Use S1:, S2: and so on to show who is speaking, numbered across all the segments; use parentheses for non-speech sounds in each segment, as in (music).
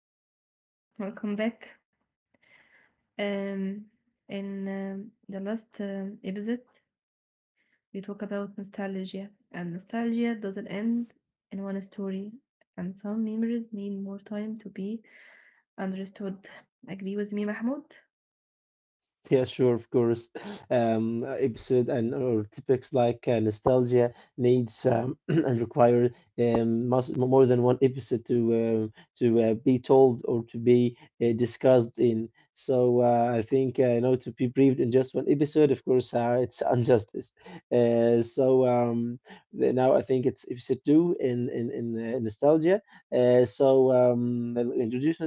S1: Hi, hi, hello, welcome back. Um, in the last episode, we talk about nostalgia, and nostalgia doesn't end in one story, and some memories need more time to be understood. Agree with me, Mahmoud?
S2: Yeah, sure, of course. Episode and or topics like nostalgia needs (clears throat) and require must, more than one episode to be told or to be discussed in. So I think to be briefed in just one episode, of course, it's (laughs) injustice. Uh, so um, Now I think it's episode two in nostalgia. So I'll introduce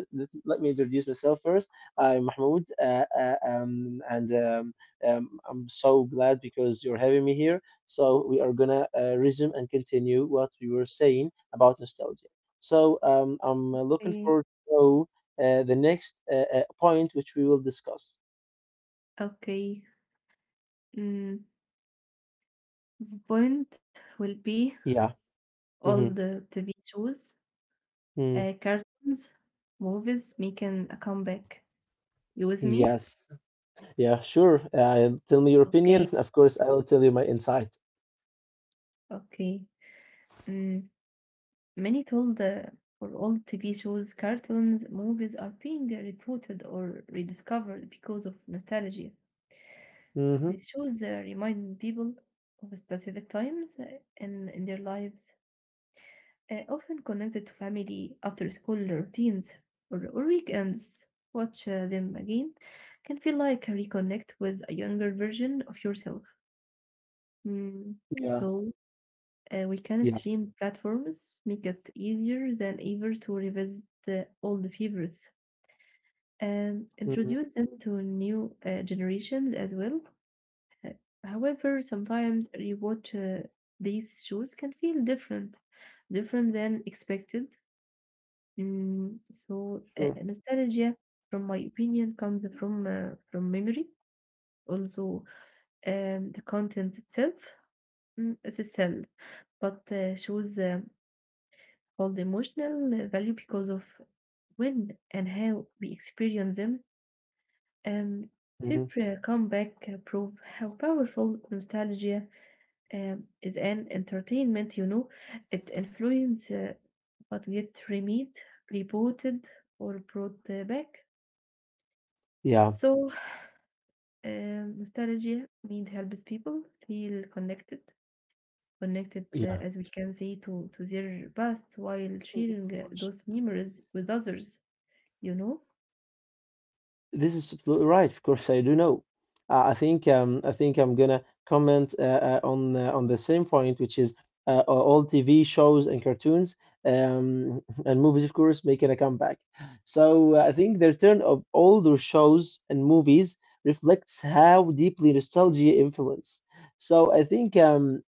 S2: Let me introduce myself first. I'm Mahmoud, and I'm so glad because you're having me here. So we are gonna resume and continue what we were saying about nostalgia. So I'm looking
S1: Okay.
S2: forward to know, the next point which we will discuss.
S1: Okay. Mm, this point will be
S2: Yeah.
S1: all
S2: Hmm.
S1: the TV shows,
S2: Mm.
S1: cartoons, movies making a comeback. You with me?
S2: Yes. Yeah. Sure. Tell me your
S1: Okay.
S2: opinion. Of course, I'll tell you my insight.
S1: Okay. Many told or old TV shows, cartoons, movies are being reported or rediscovered because of nostalgia.
S2: Hmm.
S1: These shows remind people of specific times in their lives, often connected to family, after school routines, or weekends. Watch them again can feel like a reconnect with a younger version of yourself. Mm,
S2: Yeah.
S1: So, we can
S2: Yeah.
S1: stream platforms make it easier than ever to revisit old favorites and
S2: Hmm.
S1: introduce them to new generations as well. Uh, However, sometimes rewatch these shows can feel different, different than expected. So
S2: Sure.
S1: nostalgia, from my opinion, comes from memory. Also, the content itself, it's a cell, but shows called emotional value because of when and how we experience them. Um, their
S2: Hmm.
S1: comeback prove how powerful nostalgia is an entertainment, you know. It influence what get remade, rebooted, or brought back.
S2: Yeah.
S1: So, nostalgia need helps people feel connected, connected
S2: Yeah.
S1: as we can say to their past while
S2: Of
S1: sharing
S2: course.
S1: those memories with others, you know?
S2: This is absolutely right. Of course, I do know. I think I'm gonna comment on the same point, which is all TV shows and cartoons and movies, of course, making a comeback. So I think the return of older shows and movies reflects how deeply nostalgia influence. So I think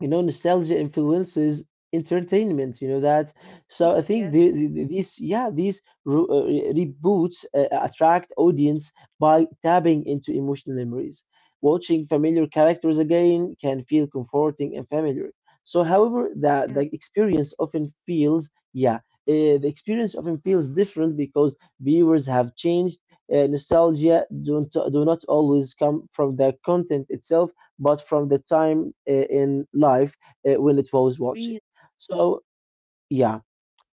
S2: you know nostalgia influences entertainment you know that so I think
S1: Yes,
S2: these yeah these reboots attract audience by tapping into emotional memories watching familiar characters again can feel comforting and familiar so however the
S1: yes,
S2: experience often feels yeah the experience often feels different because viewers have changed nostalgia don't do not always come from the content itself but from the time in life when it was watching.
S1: really.
S2: So yeah,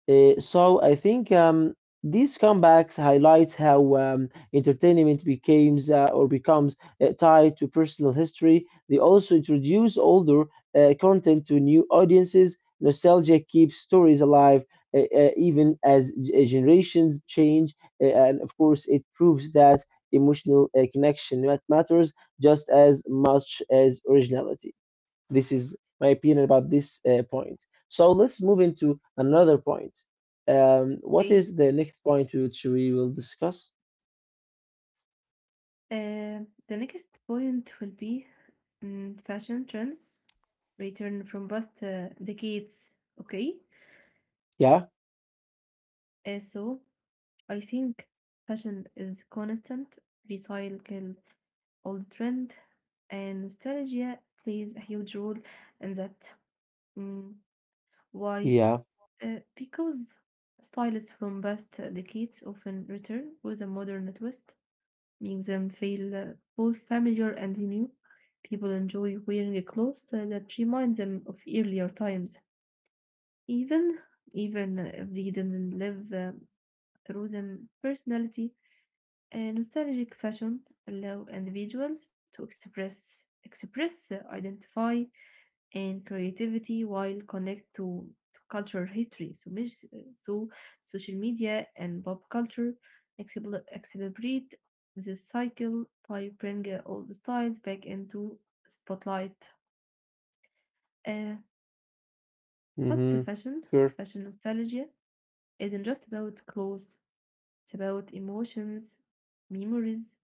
S2: so I think these comebacks highlight how entertainment becomes tied to personal history. They also introduce older content to new audiences. Nostalgia keeps stories alive even as generations change, and of course, it proves that emotional connection matters just as much as originality. This is my opinion about this point. So let's move into another point. What is the next point which we will discuss?
S1: Uh, the next point will be fashion trends return from past decades. Okay.
S2: Yeah,
S1: So I think fashion is constant, recycle old trend, and nostalgia plays a huge role in that. Mm, why?
S2: yeah,
S1: Because styles from past decades often return with a modern twist make them feel both familiar and new. People enjoy wearing a clothes that remind them of earlier times, even even if they didn't live through them. Personality, nostalgic fashion allow individuals to express, identify, and creativity while connect to cultural history. So, مش- so social media and pop culture accelerate this cycle by bringing all the styles back into spotlight. Uh, but the
S2: mm-hmm,
S1: fashion,
S2: sure.
S1: fashion nostalgia isn't just about clothes, it's about emotions, memories,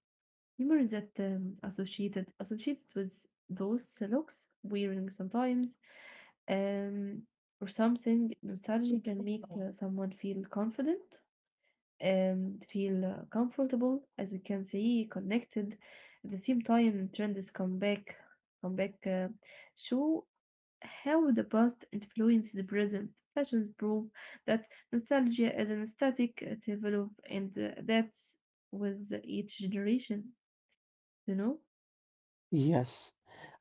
S1: humor that associated with those looks wearing sometimes, um, or something. Nostalgia can make someone feel confident and feel comfortable, as we can see, connected. At the same time, trends come back, come back. Show how the past influences the present. Fashions prove that nostalgia is an static, develop and adapts with each generation. You know.
S2: Yes,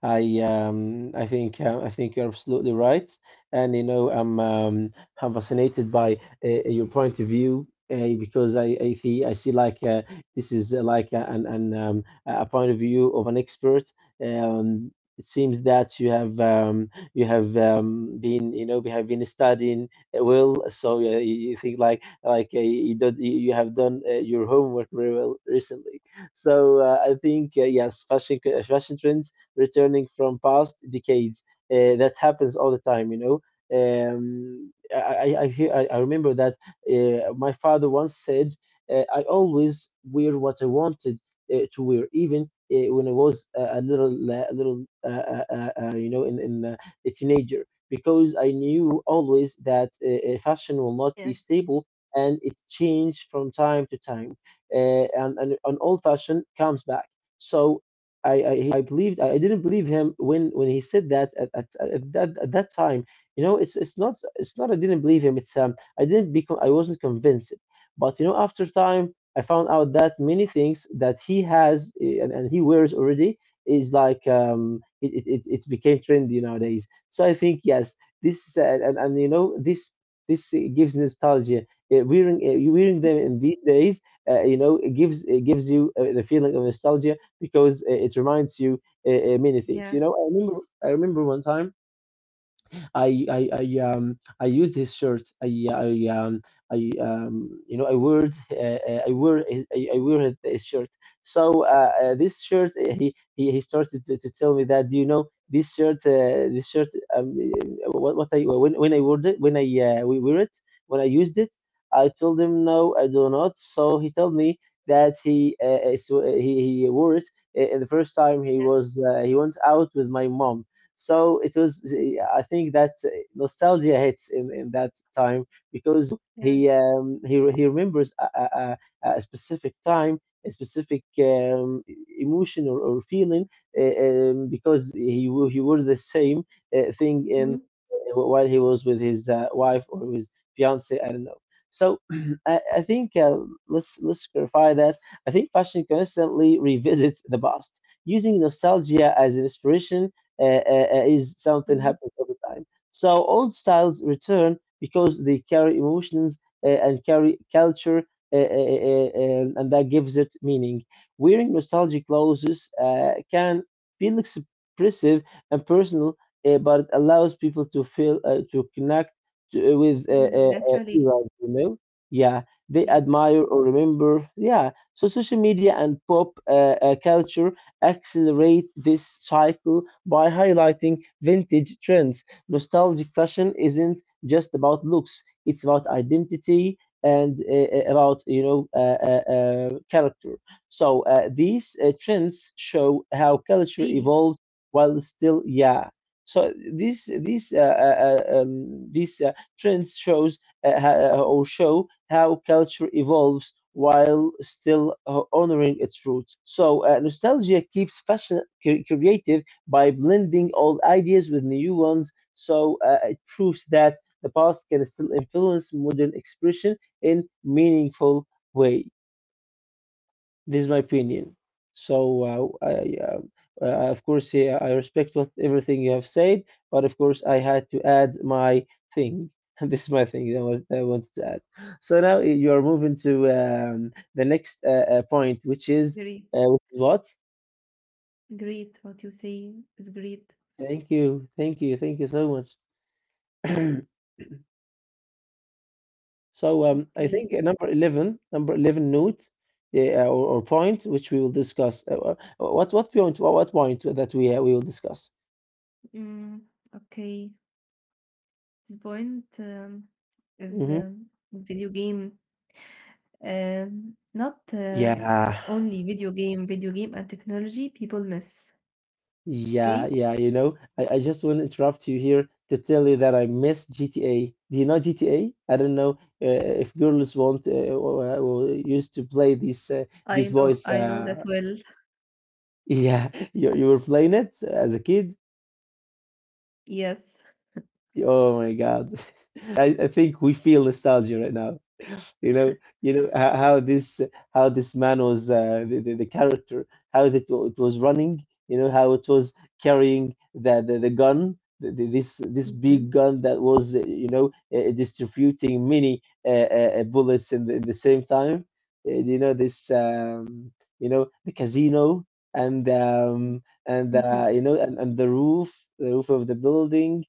S2: I think you're absolutely right, and you know I'm fascinated by your point of view because I see like this is like an a point of view of an expert. Um, it seems that you have been you have been studying well, so you think like you don't you you have done your homework very well recently so I think yes, fashion trends returning from past decades. That happens all the time, you know. I remember that my father once said, "I always wear what I wanted to wear, even." When I was a little, a little, you know, in a teenager, because I knew always that fashion will not be
S1: Yes.
S2: stable and it changed from time to time uh, and an old fashioned comes back. So I I believed I didn't believe him when he said that at that time. You know, it's not I didn't believe him. It's I didn't become I wasn't convinced. But you know, after time, I found out that many things that he has eh, and he wears already is like it's became trendy nowadays. So I think yes, this is, and you know this eh, gives nostalgia. Eh, wearing them in these days you know it gives you the feeling of nostalgia because it reminds you many things you
S1: Yeah.
S2: know I remember one time I used his shirt. I you know I wore his- I wore his shirt. So this shirt he started to tell me that do you know this shirt um what I when I wore it when I used it I told him no I do not. So he told me that he wore it the first time he
S1: Yes.
S2: was he went out with my mom so it was, I think that nostalgia hits in that time because
S1: Yes.
S2: he remembers a specific time, a specific emotion or feeling because he wore the same thing in
S1: Mhm.
S2: while he was with his wife or his fiance. I don't know. So (clears throat) I think let's clarify that. I think fashion constantly revisits the past, using nostalgia as an inspiration is something
S1: Mhm.
S2: happens all the time. So old styles return because they carry emotions and carry culture, and that gives it meaning. Wearing nostalgic clothes can feel expressive and personal, but it allows people to feel to connect with
S1: Mm, naturally.
S2: eras, you know. Yeah, they
S1: Yes.
S2: admire or remember. Yeah, so social media and pop culture accelerate this cycle by highlighting vintage trends. Nostalgic fashion isn't just about looks, it's about identity and about character. So these trends show how culture
S1: Really.
S2: evolves while still yeah. So these trends shows uh, or show how culture evolves while still honoring its roots. So nostalgia keeps fashion creative by blending old ideas with new ones. So it proves that the past can still influence modern expression in meaningful ways. This is my opinion. So, uh, of course, yeah, I respect what everything you have said, but of course, I had to add my thing. (laughs) This is my thing that I wanted to add. So now you are moving to the next point, which is
S1: Great.
S2: uh, what?
S1: Great. What you say is great.
S2: Thank you, thank you, thank you so much. (clears throat) So I think
S1: Okay.
S2: number 11, number 11 note yeah, or point, which we will discuss. What point? What point that we will discuss?
S1: Mm, okay. This point
S2: Mhm.
S1: is video game. Not
S2: Yeah,
S1: only video game. Video game and technology people miss.
S2: yeah,
S1: Okay.
S2: yeah. You know, I just want to interrupt you here to tell you that I miss GTA. Do you know GTA? I don't know if girls want or used to play this
S1: I
S2: this
S1: know.
S2: voice.
S1: I know that well.
S2: Yeah, (laughs) you were playing it as a kid.
S1: Yes.
S2: Oh my God. (laughs) I think we feel nostalgia right now. (laughs) You know, you know how, how this how this man was uh, the character, how it was running, you know, how it was carrying the gun, this this big
S1: Mm-hmm.
S2: gun that was distributing many bullets in in the same time. You know this the casino and
S1: Mm-hmm.
S2: and the roof of the building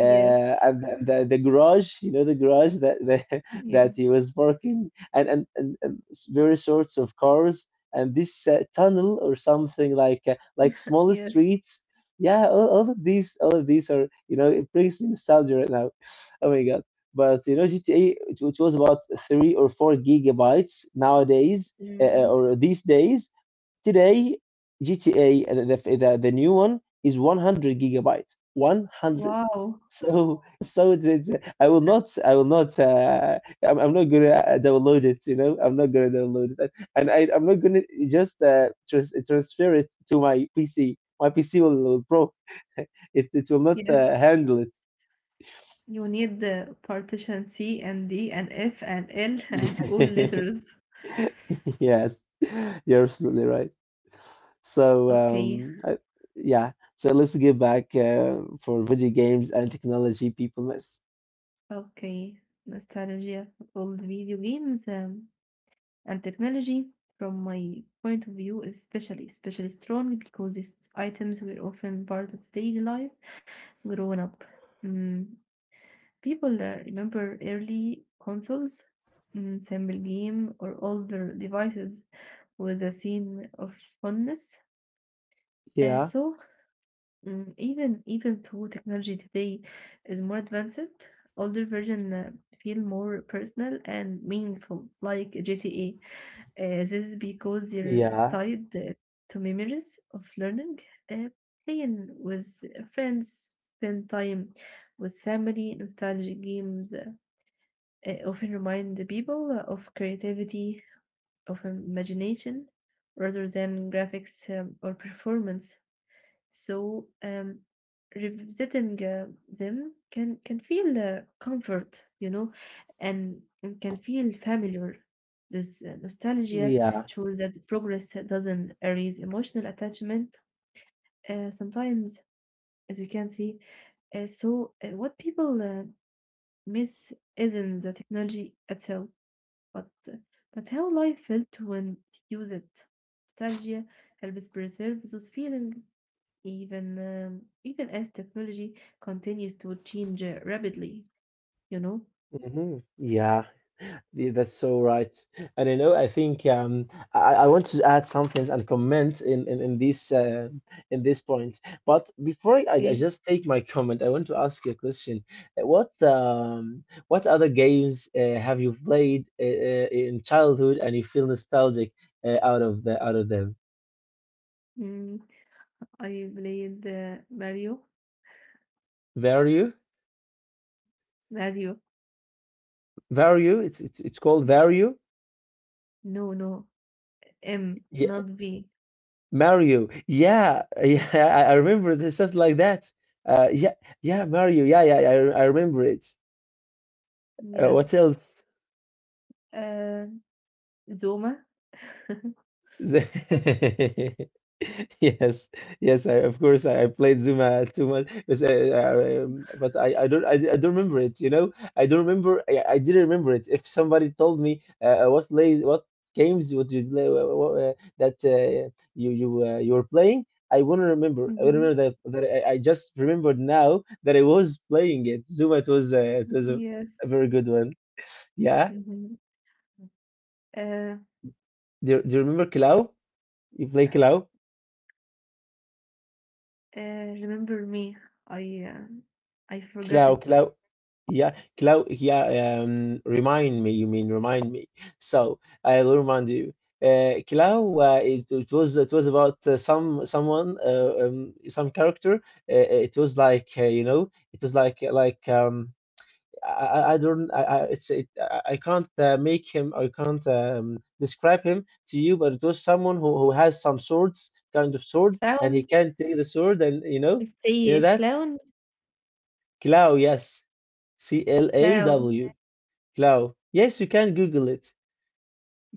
S1: Yes.
S2: and the garage, you know, the garage that that, (laughs) that
S1: Yes.
S2: he was parking, and and various sorts of cars, and this tunnel or something like small
S1: Yes.
S2: streets. Yeah, all of these are, you know, it brings me nostalgia right now. (laughs) (sighs) Oh my god! But you know, GTA, it was about 3 or 4 gigabytes nowadays,
S1: Mm-hmm.
S2: or these days. Today, GTA, the new one is 100 gigabytes. 100.
S1: Wow.
S2: So, (laughs) so it's, I will not, I'm not gonna download it, you know, I'm not gonna download it, and I'm not gonna just transfer it to my PC. My PC will broke. (laughs) It will not
S1: Yes.
S2: handle
S1: You need the partition C and D and F and L (laughs) and all
S2: it.
S1: letters.
S2: (laughs) Yes, you're absolutely right. So,
S1: Okay.
S2: yeah, so let's get back for video games and technology people. Miss.
S1: Okay. Nostalgia of old video games and technology, from my point of view, is especially, especially strong because these items were often part of daily life growing up. Mm. People remember early consoles, simple game, or older devices with a scene of fondness. Uh,
S2: Yeah,
S1: so, mm, even even though technology today is more advanced, older version feel more personal and meaningful, like GTA. This is because they're
S2: yeah,
S1: tied to memories of learning, uh, playing with friends, spend time with family, nostalgic games often remind the people of creativity, of imagination, rather than graphics or performance. So, revisiting them can feel comfort, you know, and can feel familiar. This nostalgia
S2: yeah.
S1: shows that progress doesn't erase emotional attachment. Sometimes, as we can see, what people miss isn't the technology itself. But but how life felt when it used it. Nostalgia helps preserve those feelings, even even as technology continues to change rapidly. You know.
S2: Hmm. Yeah, that's so right. And you know, I think I want to add something and comment in this point. But before I
S1: Okay.
S2: just take my comment, I want to ask you a question. What other games, have you played in childhood and you feel nostalgic, out of them?
S1: Mm, I played Mario.
S2: Vario,
S1: Mario.
S2: Vario. It's called Vario.
S1: No, no. M,
S2: Yeah.
S1: not V.
S2: Mario. Yeah, (laughs) yeah,
S1: Yeah.
S2: I remember this something like that. Yeah, yeah, Mario. Yeah, yeah, I remember it. What
S1: Yes.
S2: else?
S1: Uh, Zoma. (laughs)
S2: Z- (laughs) Yes, yes, I of course I played Zuma too much, but I don't remember it. I don't remember. I didn't remember it. If somebody told me, what games would you play, that, you were playing, I wouldn't remember. I would remember
S1: hmm
S2: that I just remembered now that I was playing it. Zuma, it was
S1: Yes.
S2: a very good one. Yeah.
S1: hmm Uh,
S2: Do you remember Cloud? You play Cloud?
S1: uh, remember me. I um, I forgot
S2: Clau,
S1: it.
S2: Clau, yeah, remind me, you mean remind me. So I will remind you. Clau, it was about, someone, some character. It was like, it was like, I don't, I I can't make him, I can't, describe him to you, but it was someone who has some swords, kind of sword, and he
S1: Clown
S2: can take the sword, and
S1: is
S2: you know that.
S1: clown
S2: Cloud, yes. C L A
S1: clown.
S2: W, Cloud. Yes, you can Google it.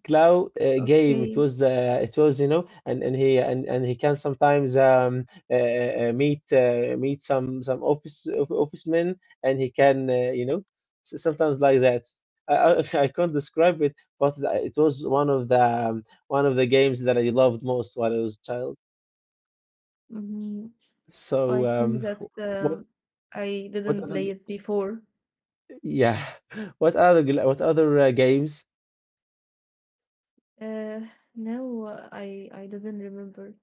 S2: Cloud game.
S1: Okay.
S2: It was, you know, and and he can sometimes, meet office men, and he can, you know, sometimes like that. I (laughs) I can't describe it, but it was one of the, one of the games that I loved most when I was a child.
S1: hmm I
S2: So,
S1: think that
S2: what
S1: I
S2: what
S1: didn't
S2: other
S1: play it before.
S2: yeah, (laughs) what other games
S1: Uh, no, I didn't remember.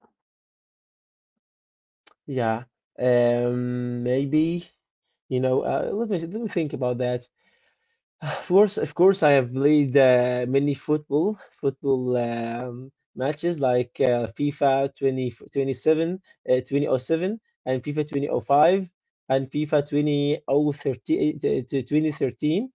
S2: Yeah, maybe, let me think about that. Of course, I have played, many football, matches like, FIFA 2027, 2007, and FIFA 2005, and FIFA 2013 to 2013.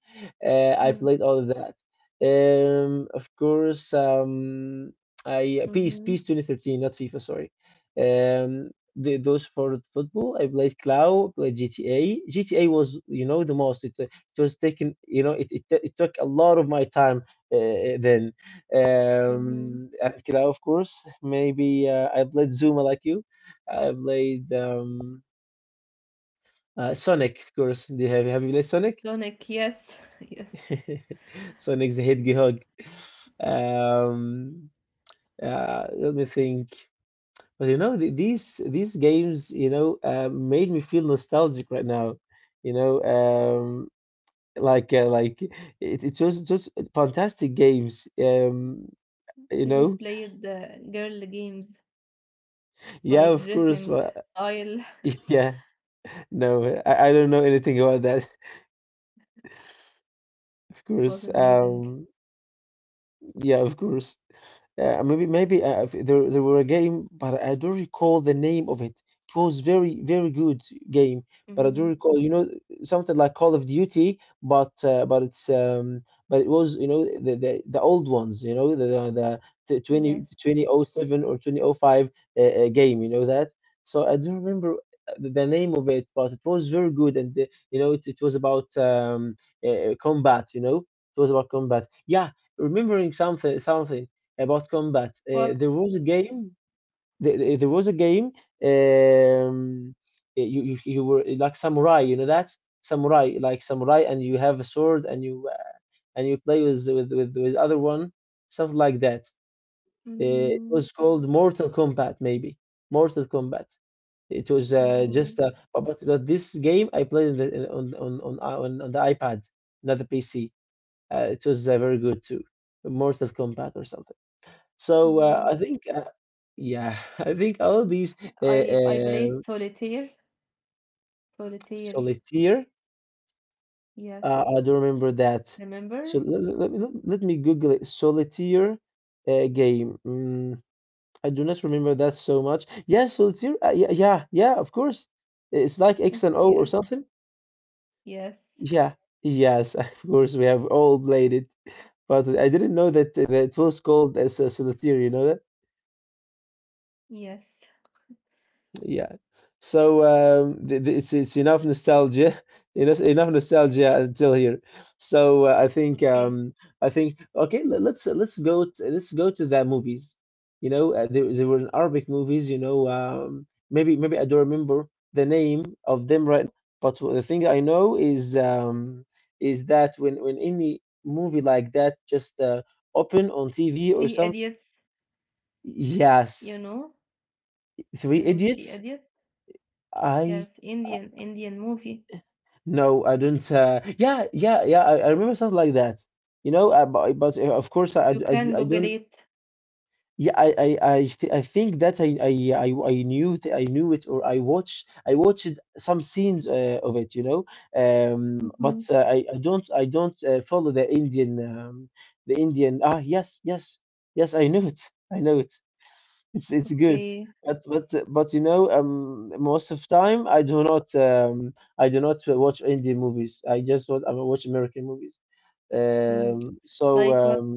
S2: I played
S1: Mm
S2: all of that. Of course, I peace
S1: Mm-hmm.
S2: 2013, not FIFA, sorry. Um, those for football, I played Cloud, played GTA. GTA was the most. It was taken, it took a lot of my time, then,
S1: Mm-hmm.
S2: and Kidao, of course maybe, I played Zuma like you. I played, Sonic, of course. Do you have, have you played Sonic?
S1: Sonic, yes, (laughs) yes.
S2: (laughs) Sonic's the Hedgehog. Um uh, let me think. But you know, these games, you know, made me feel nostalgic right now, you know, like, like, it was just fantastic games, um you
S1: I was
S2: know
S1: played the girl games
S2: Yeah,
S1: like
S2: of course,
S1: dressing
S2: well,
S1: style. (laughs)
S2: (laughs) yeah, no, I don't know anything about that. (laughs) Of
S1: It was
S2: course,
S1: amazing.
S2: yeah, of course. Maybe, if there were a game, but I don't recall the name of it. It was very very good game, but I do
S1: Mm-hmm.
S2: recall, you know, something like Call of Duty. But, but it's but it was, you know, the old ones, you know, the t-
S1: Yes.
S2: 20 2007, or 2005, game, you know that. So I don't remember, the name of it, but it was very good, and, you know, it was about, combat, you know, it was about combat. Yeah, remembering something about combat.
S1: What?
S2: There was a game. There was a game. Um, you were like samurai. You know that samurai, like samurai, and you have a sword, and you, and you play with other one, something like that. It
S1: Mm-hmm.
S2: was called Mortal Kombat, maybe Mortal Kombat. It was, just,
S1: Mhm.
S2: but this game I played in on the iPad, not the PC. It was, very good too, Mortal Kombat or something. So,
S1: No,
S2: I think, yeah, (laughs) I think all these, uh,
S1: I
S2: uh,
S1: played solitaire. Solitaire.
S2: solitaire.
S1: Yes.
S2: I do remember that.
S1: Remember?
S2: So let me Google it. Solitaire game. I do not remember that so much. Yeah, solitaire. Yeah, yeah, yeah. Of course, it's like X and O or
S1: Yes.
S2: something.
S1: Yes.
S2: Yeah. Yes, (laughs) of course, we have all played it. But I didn't know that it was called as a solitaire. You know that?
S1: Yes.
S2: Yeah. So, th- th- it's enough nostalgia, (laughs) enough nostalgia until here. So, I think,
S1: Okay.
S2: I think, okay, let's go to the movies. You know, there were Arabic movies. You know, maybe I don't remember the name of them right now. But the thing I know is that when any movie like that just, open on TV or
S1: Three
S2: something.
S1: Idiots. You
S2: Yes,
S1: know? You
S2: Three
S1: know Three
S2: Idiots.
S1: Idiots?
S2: I.
S1: Yes. Indian Indian movie.
S2: No, I don't. Yeah, yeah, yeah. I remember something like that. You know, but, of course,
S1: You can
S2: I
S1: Google
S2: don't.
S1: it.
S2: Yeah, I think that, I knew, th I knew it, or I watched some scenes, of it. You know, but
S1: Mm-hmm.
S2: I don't, follow the Indian, the Indian. Ah, yes, yes, yes. I know it. I know it. It's good.
S1: Okay.
S2: But you know, most of time I do not, I do not watch Indian movies. I watch American movies. Um,
S1: Mm.
S2: so
S1: Like what?
S2: um,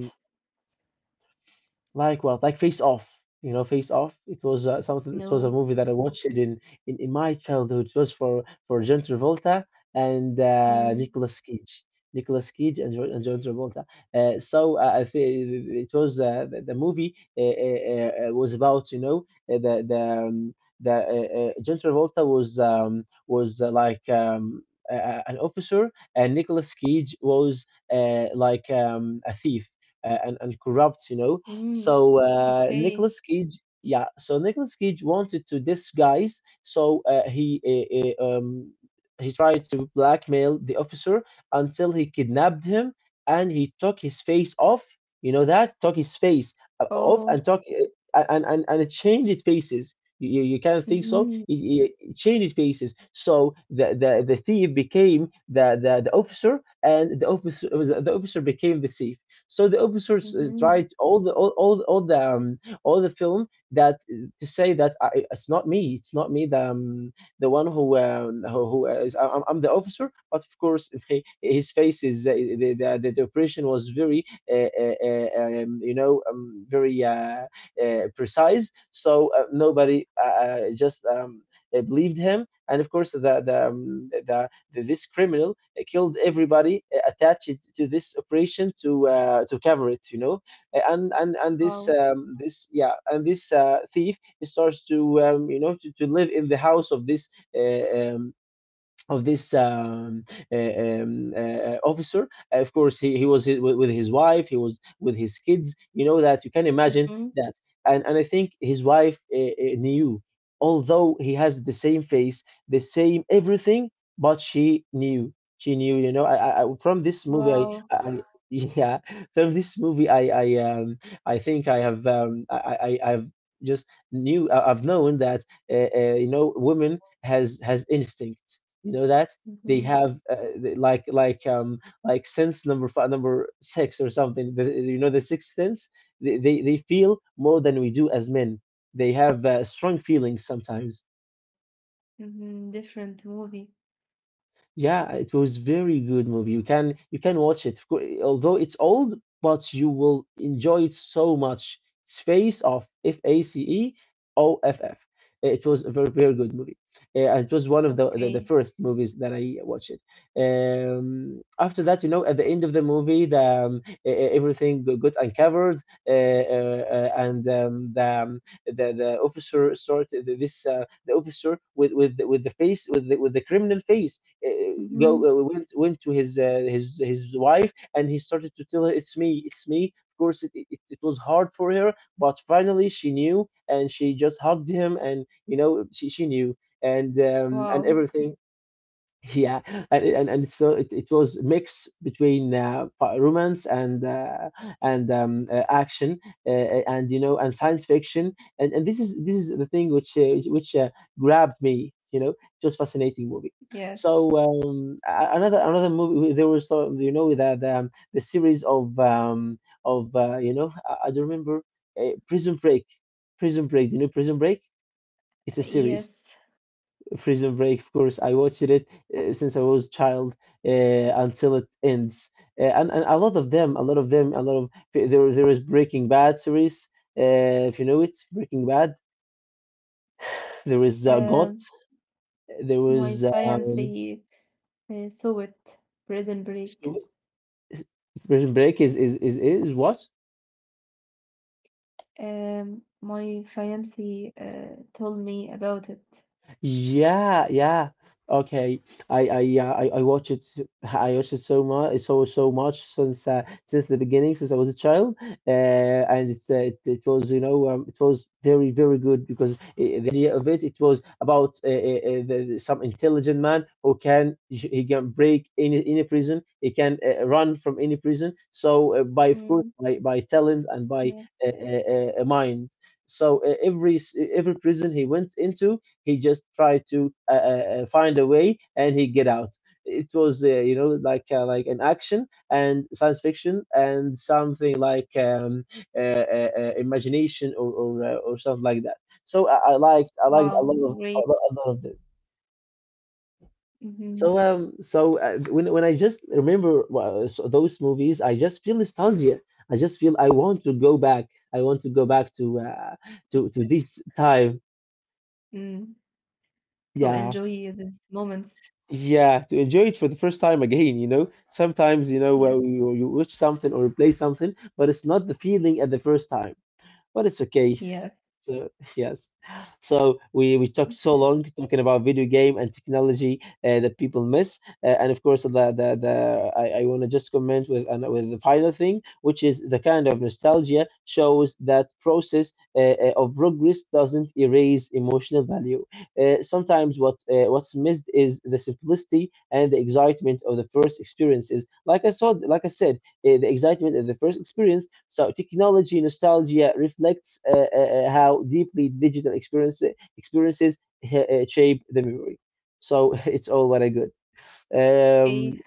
S2: like what? Like Face Off. You know, Face Off. It was, something. It was a
S1: No.
S2: movie that I watched it in, my childhood. It was for John Travolta and,
S1: Mm.
S2: Nicolas Cage. Nicolas Cage and John Travolta. I think it was, the movie, was about, you know, uh, the the um, the, John Travolta was, like, an officer, and Nicolas Cage was, like, a thief, and corrupt, you know.
S1: Mm.
S2: So,
S1: Okay.
S2: Yeah, so Nicolas Cage wanted to disguise. So, he tried to blackmail the officer until he kidnapped him, and he took his face off. You know that, took his face, off,
S1: Oh.
S2: and took, and it changed faces. You can't think so.
S1: Mm-hmm.
S2: It changed faces. So the thief became the officer, and the officer, the officer became the thief. So the officers,
S1: Mm-hmm.
S2: tried all the, all the, all the film that, to say that, I, it's not me, it's not me, the, the one who, who is I, am I'm the officer. But of course, (laughs) his face is, the operation was very, you know, very, precise. So, nobody, just, believed him. And of course, the this criminal, killed everybody, attached to this operation, to cover it, you know. And this,
S1: Wow.
S2: yeah, and this, thief starts to, you know, to live in the house of this, uh, um, of this, officer. Of course, he was, with his wife, he was with his kids. You know that, you can imagine
S1: Mm-hmm.
S2: that, and I think his wife, knew, although he has the same face, the same everything, but she knew. She knew. From this movie,
S1: Wow.
S2: I (laughs) yeah, from this movie, I think I have, I've just knew, I've known that, you know, women has instinct, you know that. They
S1: Mm-hmm.
S2: have, like, sense number five, number six or something. You know, the sixth sense. They feel more than we do as men. They have, strong feelings sometimes.
S1: Mhm, different movie.
S2: Yeah, it was very good movie. You can watch it. Although it's old, but you will enjoy it so much. It's Face Off, Face Off. It was a very very good movie. And it was one of the
S1: Okay.
S2: first movies that I watched. After that, at the end of the movie, the e- e- everything go- got uncovered, and the the officer started this the officer with the face with the criminal face uh, uh, go
S1: hmm
S2: went went to his his wife, and he started to tell her, "It's me, it's me." Of course it was hard for her, but finally she knew, and she just hugged him, and she knew and
S1: Wow.
S2: everything. Yeah. And so it was mix between romance and action and you know and science fiction. And this is the thing which grabbed me, you know. It was fascinating movie.
S1: Yes.
S2: Another another movie, there was some you know the series of I don't remember, Prison Break. Prison Break, do you know Prison Break? It's a
S1: Yes.
S2: series. Prison Break, of course. I watched it since I was a child, uh, until it ends, and a lot of them, a lot of them, a lot of there there is Breaking Bad series. If you know it, Breaking Bad. There is GOT.
S1: Um,
S2: There
S1: my
S2: was
S1: fiancé saw it, Prison Break.
S2: Prison Break is what?
S1: My fiancé told me about it.
S2: Yeah, yeah. Okay. I I watched it so much, so much, since the beginning, since I was a child. It was, you know, it was very very good, because the idea of it, was about some intelligent man who can break any prison. He can run from any prison. So, by of course
S1: Mm,
S2: by talent and by
S1: yes.
S2: mind. So every prison he went into, he just tried to find a way, and he get out. It was, like an action and science fiction, and something like imagination, or something like that. So I liked,
S1: Wow. Great.
S2: a lot of them. So
S1: Hmm
S2: um so uh, when when I just remember so those movies, I just feel nostalgia. I just feel I want to go back. I want to go back to to
S1: Yes.
S2: this time.
S1: Mm, to
S2: Yeah.
S1: enjoy this moment.
S2: Yeah, to enjoy it for the first time again, you know. Sometimes, you know, well,
S1: Yes.
S2: you watch something or play something, but it's not the feeling at the first time. But it's okay.
S1: Yes.
S2: So, yes. So we talked so long talking about video game and technology that people miss, and of course I want to just comment with with the final thing, which is the kind of nostalgia shows that process of progress doesn't erase emotional value. Sometimes what's missed is the simplicity and the excitement of the first experiences. Like I saw, like I said the excitement of the first experience. So technology nostalgia reflects how deeply digital experiences shape the memory. So (laughs) it's all very good.
S1: Okay.
S2: Um,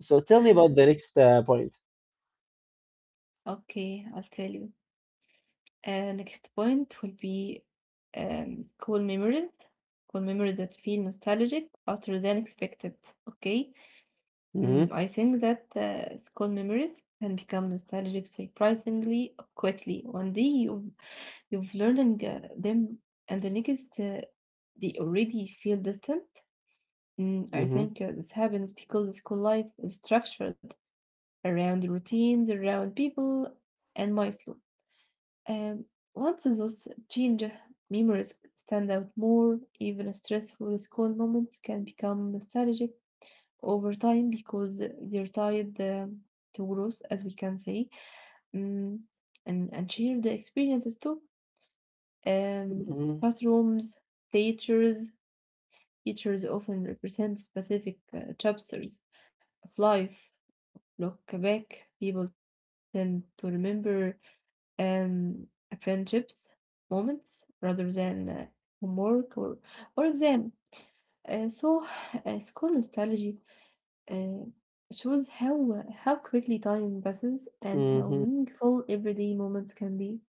S2: so tell me
S1: (sighs)
S2: about the next point.
S1: Okay. I'll tell you. Next point will be um, cool memories, cool memories that feel nostalgic other than expected. Okay.
S2: Mm-hmm,
S1: I think that school memories can become nostalgic surprisingly quickly. One day you you've learned them, and the next they already feel distant. I
S2: mm-hmm,
S1: think this happens because school life is structured around routines, around people, and milestones. Um, once those change memories stand out more, even stressful school moments can become nostalgic over time because they're tied to growth, as we can say, mm, and shared experiences too. Um,
S2: mm-hmm,
S1: classrooms, teachers, teachers often represent specific chapters of life. Look back, people tend to remember um, friendships moments rather than homework or exam. So, school nostalgia uh, shows how quickly time passes and how
S2: mm-hmm,
S1: meaningful everyday moments can be.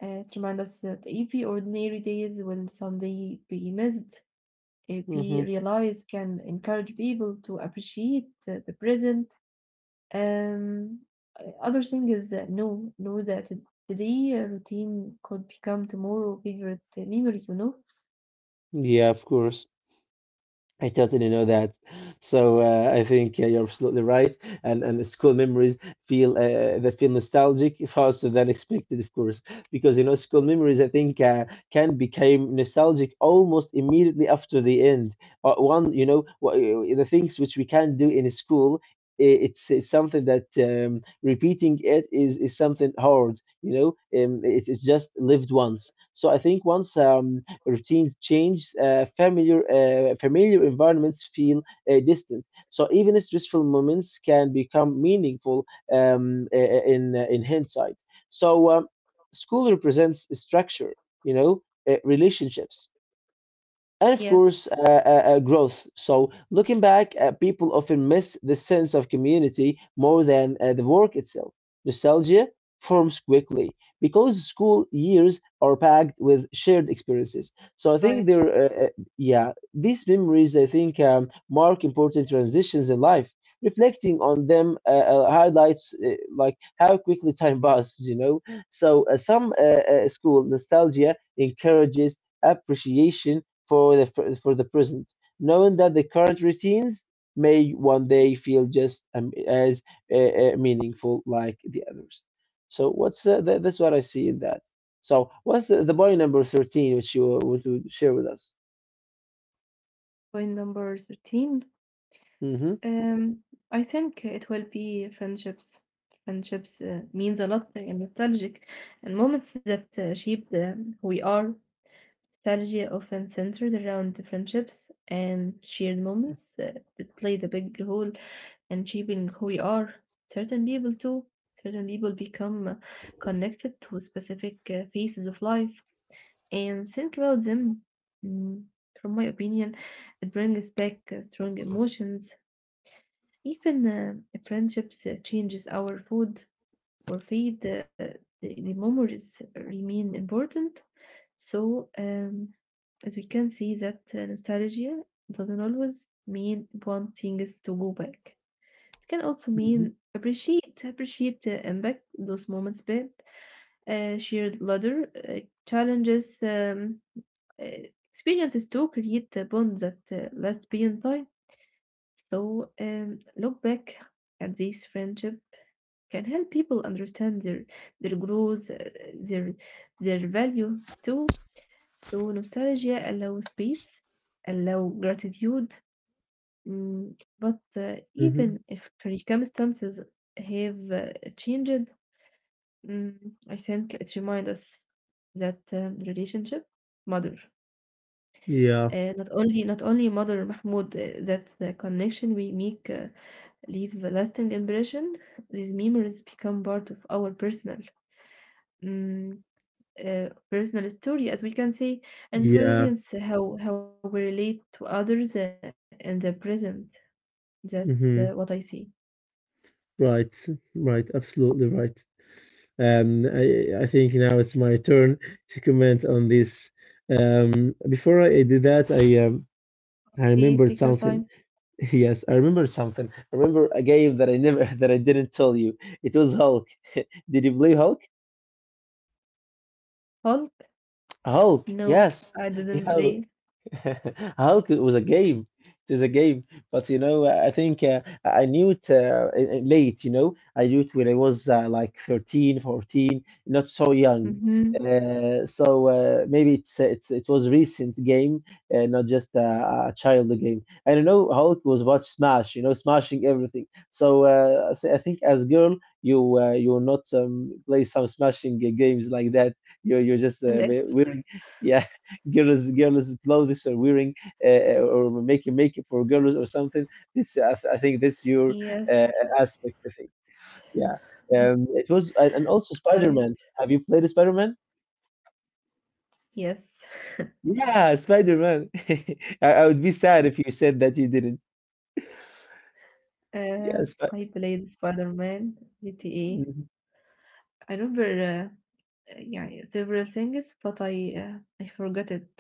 S1: To remind us that every ordinary days will someday be missed.
S2: mm-hmm.
S1: We realize can encourage people to appreciate the present. um, other thing is that know that today routine could become tomorrow favorite memory. You know.
S2: Yeah, of course. I totally know that. So I think you're absolutely right, and the school memories feel they feel nostalgic faster than expected, of course, because you know school memories, I think can become nostalgic almost immediately after the end. One, you know, wha- The things which we can do in school, it's something that repeating it is something hard, you know. It's just lived once. So I think once routines change, familiar environments feel distant. So even stressful moments can become meaningful in hindsight. So school represents structure, you know, relationships, and
S1: Yes.
S2: of course, growth. So, looking back, people often miss the sense of community more than the work itself. Nostalgia forms quickly because school years are packed with shared experiences. So, I think
S1: Right?
S2: there, yeah, these memories, I think mark important transitions in life. Reflecting on them highlights like how quickly time passes, you know. So, some school nostalgia encourages appreciation for for the present, knowing that the current routines may one day feel just as meaningful like the others. So what's that's what I see in that. So what's the point number 13 which you want to share with us?
S1: Point number 13.
S2: Hmm.
S1: Um, I think it will be friendships. Friendships means a lot and nostalgic, and moments that shape the who we are. Nostalgia often centered around the friendships and shared moments that played a big role and shaping who we are. Certain people too, certain people become connected to specific phases of life and think about them. Mm, From my opinion, it brings back strong emotions. Even friendships changes our food or feed. The memories remain important. So, as we can see, that nostalgia doesn't always mean wanting us to go back. It can also
S2: Mhm,
S1: mean appreciate the impact those moments build, shared ladder challenges, experiences to create a bond that last beyond time. So look back at these friendship can help people understand their growth, their their value too. So nostalgia allows space, allow gratitude, Mm, but
S2: mhm.
S1: even if circumstances have changed, mm, I think it reminds us that relationship mother.
S2: Yeah,
S1: Not only not only mother Mahmoud, that the connection we make leave a lasting impression. These memories become part of our personal mm, personal story, as we can say,
S2: yeah.
S1: influence how we relate to others in the present. That's what I see.
S2: Hmm. Right, right, absolutely right. I think now it's my turn to comment on this. Before I do that, I
S1: Okay, take
S2: remembered
S1: your time.
S2: something. (laughs) Yes, I remember something. I remember a game that I never (laughs) that I didn't tell you. It was Hulk. Did you play Hulk?
S1: Hulk?
S2: Hulk,
S1: No, I
S2: yes. (laughs)
S1: didn't
S2: Yeah,
S1: play.
S2: (laughs) Hulk was a game. It is a game, but you know, I think I knew it late. You know, I knew it when I was like 13, 14, not so young.
S1: Mm-hmm.
S2: Maybe it was recent game, not just a child game. And you know, Hulk was about smash. You know, smashing everything. So, so I think as girl, you will not play some smashing games like that. You're just
S1: Unless.
S2: wearing. (laughs) Yeah, girls clothes, are wearing or making makeup for girls, or something. I think this your
S1: Yes.
S2: uh, aspect, I think. Yeah.
S1: Mhm.
S2: Um, it was, and also
S1: Right.
S2: Spider-Man, have you played Spider-Man?
S1: Yes.
S2: Yeah, Spider-Man. (laughs) I would be sad if you said that you didn't.
S1: Uh,
S2: Yes.
S1: I played Spider-Man, GTA. I remember yeah, several things, but I forgot it.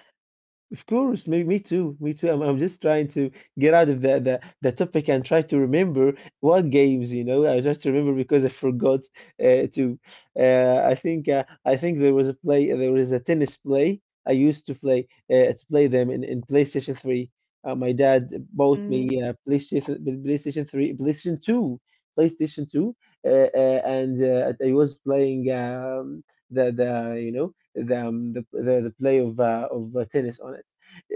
S2: Of course, me too, me too. I'm just trying to get out of the topic and try to remember what games, you know. I try to remember because I forgot to. I think there was a play, there was a tennis play. I used to play them in PlayStation 3. My dad bought
S1: Mm-hmm.
S2: me PlayStation 3, PlayStation 2, and I was playing the you know the play of tennis on it.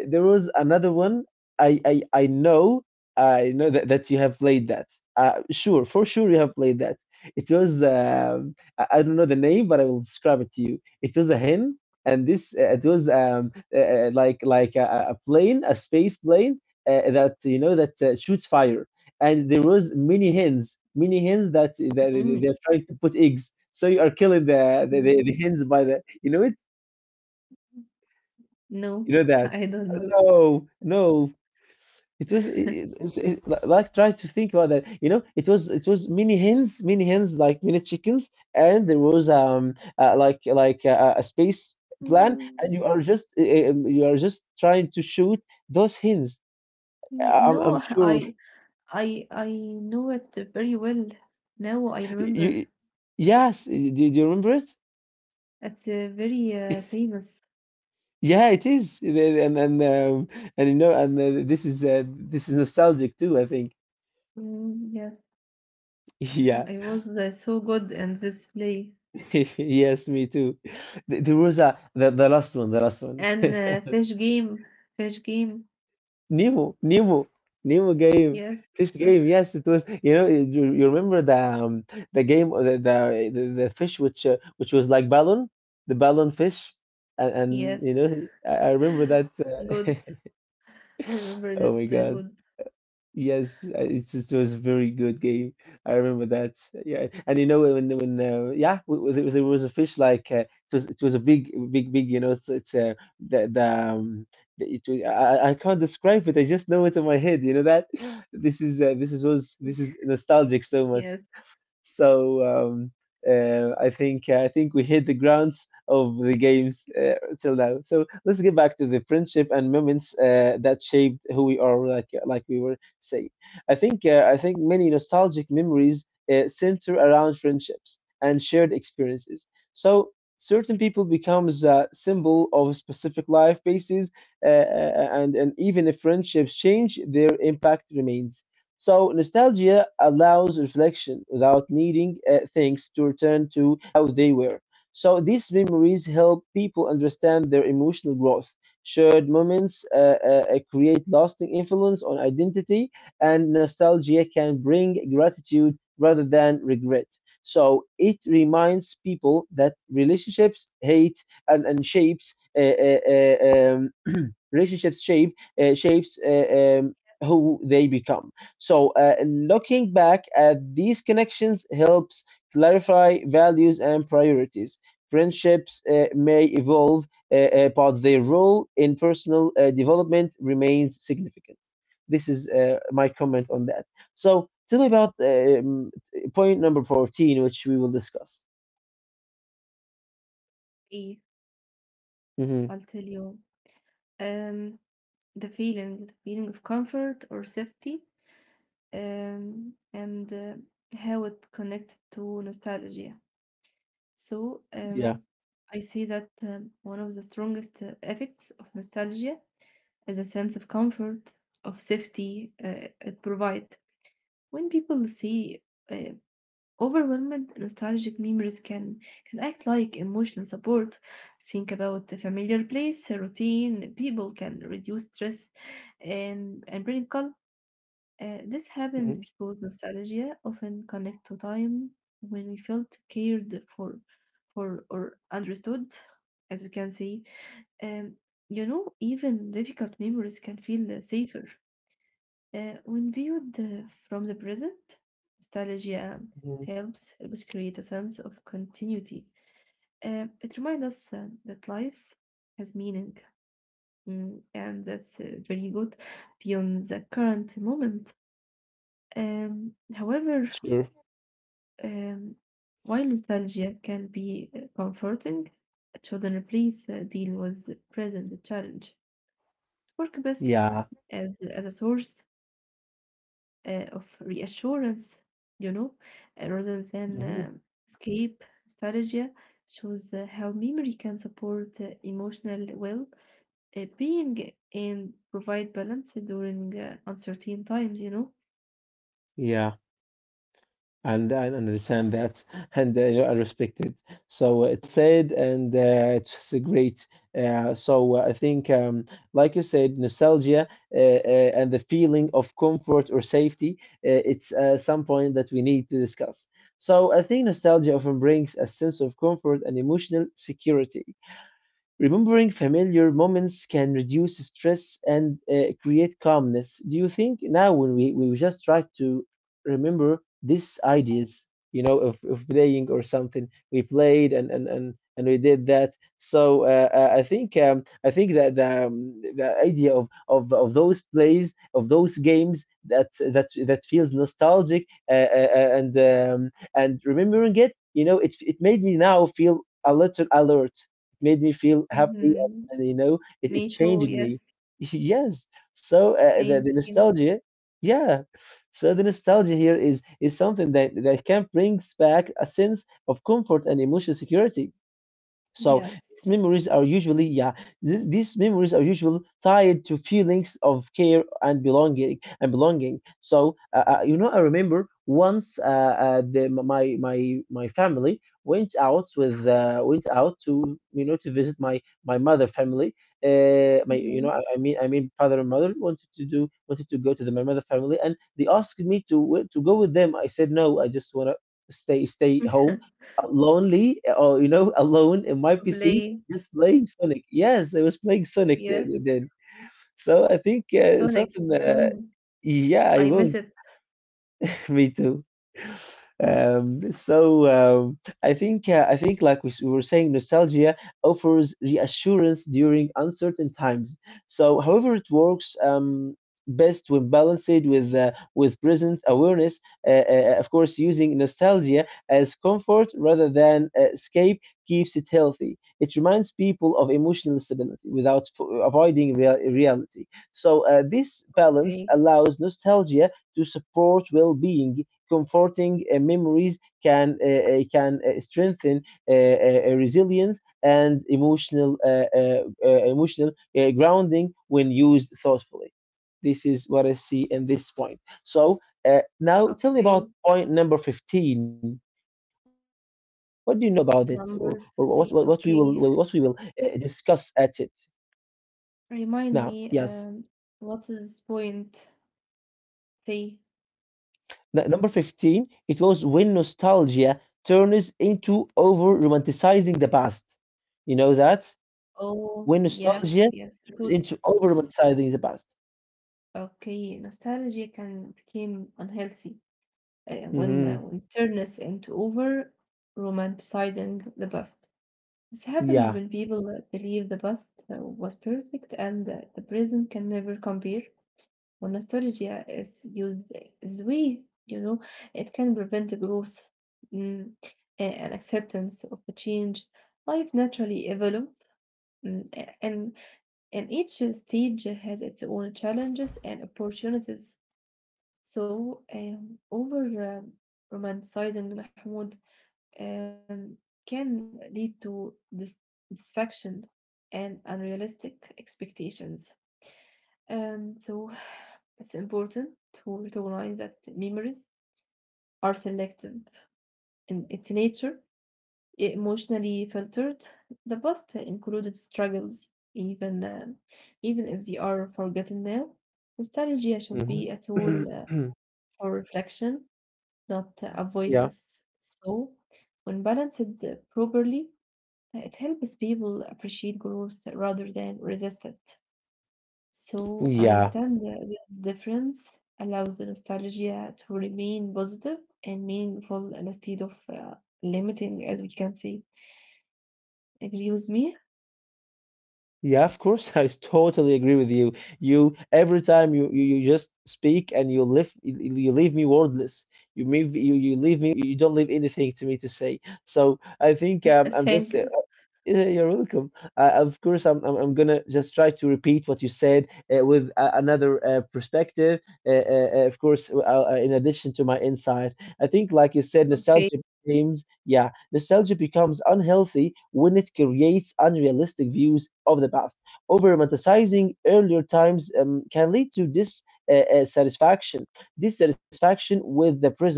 S2: There was another one. I know that, that you have played that. Sure, for sure you have played that. It was I don't know the name, but I will describe it to you. It was a hen, and this it was like a plane, a space plane that you know that shoots fire, and there was many hens that, they're trying to put eggs. So you are killing the
S1: Mm,
S2: hens by the, you know it.
S1: no,
S2: You know
S1: (laughs)
S2: that.
S1: I don't know.
S2: No, no. It was it, it, it, li- Like try to think about that. You know, it was many hens, many hens, like many chickens, and there was a space plan, and
S1: Mm,
S2: you are just trying to shoot those hens. I'm
S1: no, (laughs)
S2: sure
S1: I know it very well. Now I remember.
S2: you. Yes, do, do you remember it?
S1: It's very famous.
S2: Yeah, it is. And you know, and this is nostalgic too, I think.
S1: Mm, yes,
S2: (laughs) Yeah,
S1: I was so good in this play
S2: (laughs) yes, me too. There was a the last one, the last one.
S1: and
S2: (laughs)
S1: fish game, fish game.
S2: Nemo, Nemo, Nemo game,
S1: Yes,
S2: fish
S1: uh,
S2: game. Yes, it was. You know, you you remember the game, the fish which was like balloon, the balloon fish, and
S1: yes,
S2: you know, I
S1: (gasps)
S2: remember that.
S1: (laughs) good. Remember
S2: (laughs) Oh my
S1: that
S2: God.
S1: good.
S2: Yes, it was a very good game. I remember that. Yeah, and you know when yeah, there was a fish like it was a big, you know, it's the the, um, the it, I can't describe it. I just know it in my head. You know that. (laughs) This is this is was this is nostalgic so much.
S1: Yes,
S2: So I think we hit the grounds of the games till now. So let's get back to the friendship and moments that shaped who we are, like we were saying. I think many nostalgic memories center around friendships and shared experiences. So certain people becomes a symbol of a specific life basis, uh, and even if friendships change, their impact remains. So nostalgia allows reflection without needing things to return to how they were. So these memories help people understand their emotional growth. Shared moments create lasting influence on identity, and nostalgia can bring gratitude rather than regret. So it reminds people that relationships hate and shapes (clears throat) relationships shape shapes who they become. So, looking back at these connections helps clarify values and priorities. Friendships may evolve, but their role in personal development remains significant. This is my comment on that. So, tell me about point number 14, which we will discuss.
S1: I-
S2: hmm
S1: I'll tell you. Um, the feeling of comfort or safety and how it connected to nostalgia. So
S2: Yeah.
S1: I see that one of the strongest effects of nostalgia is a sense of comfort, of safety it provides. When people see uh, overwhelmed nostalgic memories can act like emotional support. Think about a familiar place, a routine, people can reduce stress and bring calm. This happens
S2: Mhm.
S1: because nostalgia often connects to time when we felt cared for or understood, as we can see. Um, you know, even difficult memories can feel safer when viewed from the present. Nostalgia
S2: Mhm.
S1: helps helps create a sense of continuity. It reminds us that life has meaning, and that's very good beyond the current moment. However,
S2: Sure.
S1: Um, while nostalgia can be comforting, children please deal with the present challenge. Work best
S2: Yeah.
S1: as a source of reassurance, you know, rather than
S2: hmm
S1: escape nostalgia. Shows how memory can support emotional well being and provide balance during uncertain times.
S2: Yeah. And I understand that, (laughs) and you know, I respect it. So it's sad, and it's great. Uh, so uh, I think, um, like you said, nostalgia and the feeling of comfort or safety, it's some point that we need to discuss. So I think nostalgia often brings a sense of comfort and emotional security. Remembering familiar moments can reduce stress and create calmness. Do you think now when we just try to remember these ideas, you know, of playing or something, we played and we did that. So I think that the idea of those plays of those games that that feels nostalgic and remembering it, you know, it made me now feel a little alert. It made me feel happy,
S1: Hmm.
S2: and you know it,
S1: Me
S2: it
S1: too,
S2: changed
S1: yes.
S2: me. (laughs) Yes, so uh, the,
S1: Same,
S2: the
S1: same.
S2: nostalgia, yeah, so the nostalgia here is something that can brings back a sense of comfort and emotional security. So
S1: Yes.
S2: these memories are usually, yeah, these memories are usually tied to feelings of care and belonging and belonging. So you know, I remember once my family went out with went out to you know to visit my my mother family. My you know
S1: Hmm.
S2: I mean father and mother wanted to do wanted to go to the my mother family, and they asked me to go with them. I said no, I just wanna stay home
S1: (laughs)
S2: lonely, or you know, (laughs) alone in
S1: To
S2: my PC,
S1: play.
S2: just playing Sonic. Yes, I was playing Sonic
S1: Yes,
S2: then. So I think
S1: Sonic.
S2: something.
S1: Mhm.
S2: Yeah,
S1: I
S2: I
S1: miss
S2: was.
S1: it.
S2: (laughs) Me too. I think like we were saying, nostalgia offers reassurance during uncertain times. So, however, it works best when balanced with present awareness. Of course, using nostalgia as comfort rather than escape keeps it healthy. It reminds people of emotional stability without avoiding reality. So, this balance
S1: Okay.
S2: allows nostalgia to support well being. Comforting memories can strengthen resilience and emotional grounding when used thoughtfully. This is what I see in this point. So now tell me about
S1: Okay.
S2: point number 15. What do you know about it, or what we
S1: Number
S2: will
S1: 15. Okay.
S2: discuss at it now? Yes.
S1: Remind me, what is point three?
S2: Number 15, it was when nostalgia turns into over romanticizing the past. You know that?
S1: Oh,
S2: When nostalgia
S1: yes, yes.
S2: turns
S1: Good.
S2: into over romanticizing the past.
S1: Okay. Nostalgia can become unhealthy
S2: hmm
S1: when turn us into over romanticizing the past. This happens
S2: Yeah.
S1: when people believe the past was perfect and the present can never compare. When nostalgia is used this way, it can prevent growth mm, and acceptance of a change. Life naturally evolves, and, and each stage has its own challenges and opportunities. So, over romanticizing Mahmoud um, can lead to dissatisfaction and unrealistic expectations. So it's important to recognize that memories are selective in its nature, emotionally filtered. The past included struggles, even if they are forgotten now. Nostalgia should be a
S2: hmm
S1: tool
S2: (clears throat)
S1: for reflection, not
S2: Yeah.
S1: avoidance. So, when balanced properly, it helps people appreciate growth rather than resist it. So
S2: Yeah.
S1: understand that this difference allows the nostalgia to remain positive and meaningful instead of limiting, as we can see. Agree with me?
S2: Yeah, of course. (laughs) I totally agree with you. You every time you just speak and you leave me wordless. You leave me. You don't leave anything to me to say. So I think
S1: (laughs) Thank
S2: I'm
S1: you.
S2: just (laughs) Yeah, you're welcome. Of course, I'm gonna just try to repeat what you said with another perspective. In addition to my insight, I think, like you said,
S1: Okay.
S2: nostalgia becomes unhealthy when it creates unrealistic views of the past. Over romanticizing earlier times can lead to dissatisfaction with the present.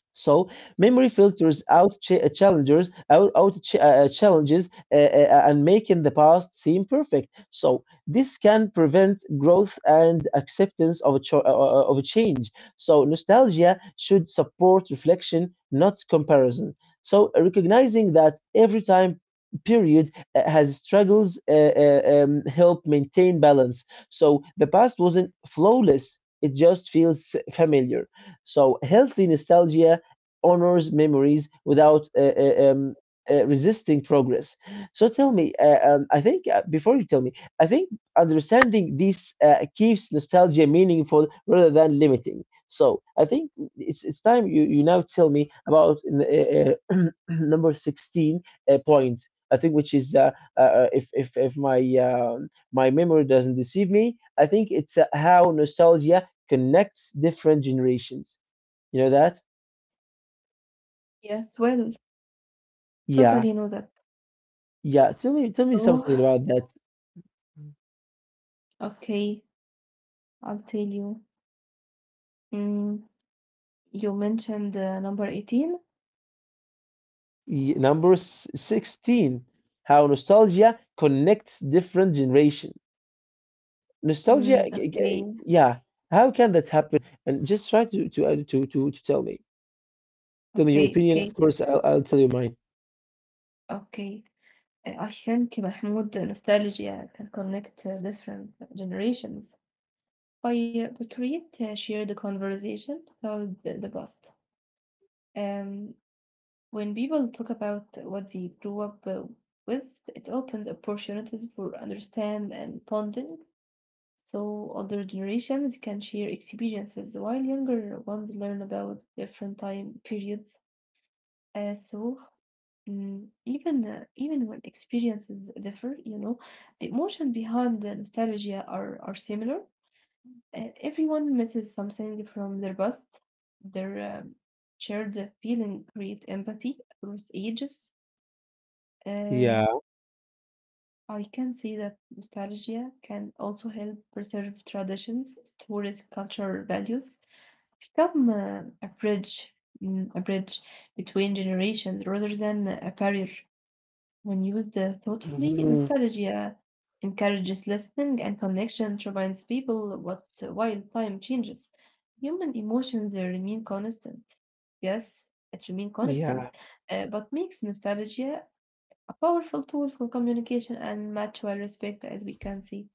S2: So memory filters out ch- challengers, out, out ch- challenges, and making the past seem perfect. So this can prevent growth and acceptance of a change. So nostalgia should support reflection, not comparison. So recognizing that every time period has struggles help maintain balance. So the past wasn't flawless; it just feels familiar. So healthy nostalgia honors memories without resisting progress. So tell me, I think before you tell me, I think understanding this keeps nostalgia meaningful rather than limiting. So I think it's time you now tell me about (clears throat) number 16 point. I think which is uh, if if my my memory doesn't deceive me. I think it's how nostalgia connects different generations. You know that?
S1: Yes, well,
S2: Yeah,
S1: totally know that.
S2: yeah. Tell me
S1: So,
S2: something about that.
S1: okay, I'll tell you. Mm, you mentioned number 18.
S2: Number 16, how nostalgia connects different generations.
S1: Mm,
S2: Yeah. How can that happen? And just try to to tell me. Tell me your
S1: okay,
S2: opinion. Of
S1: okay,
S2: course, I'll tell you mine.
S1: okay. I think Mahmoud, nostalgia can connect different generations. I we create a shared conversation about the past. Um, when people talk about what they grew up with, it opens opportunities for understand and bonding. So older generations can share experiences while younger ones learn about different time periods. Uh, so even when experiences differ, you know, the emotion behind the nostalgia are similar. Everyone misses something from their past. Their shared feeling create empathy across ages. Uh,
S2: Yeah.
S1: I can see that nostalgia can also help preserve traditions, stories, cultural values. Become a bridge, a bridge between generations rather than a barrier. When used thoughtfully,
S2: Mhm.
S1: nostalgia encourages listening and connection, reminds people what while time changes, human emotions remain constant. Yes, it remains constant,
S2: Yeah.
S1: but makes nostalgia a powerful tool for communication and mutual respect, as we can see.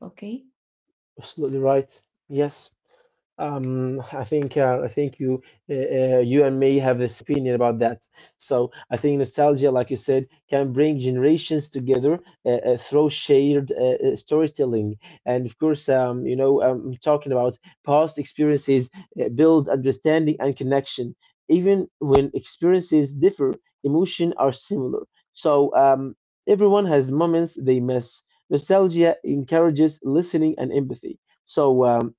S1: Okay.
S2: Absolutely right. Yes. I think you you and me have this opinion about that. So I think nostalgia, like you said, can bring generations together through shared storytelling. And of course, you know, I'm talking about past experiences build understanding and connection. Even when experiences differ, emotion are similar. So everyone has moments they miss. Nostalgia encourages listening and empathy. So.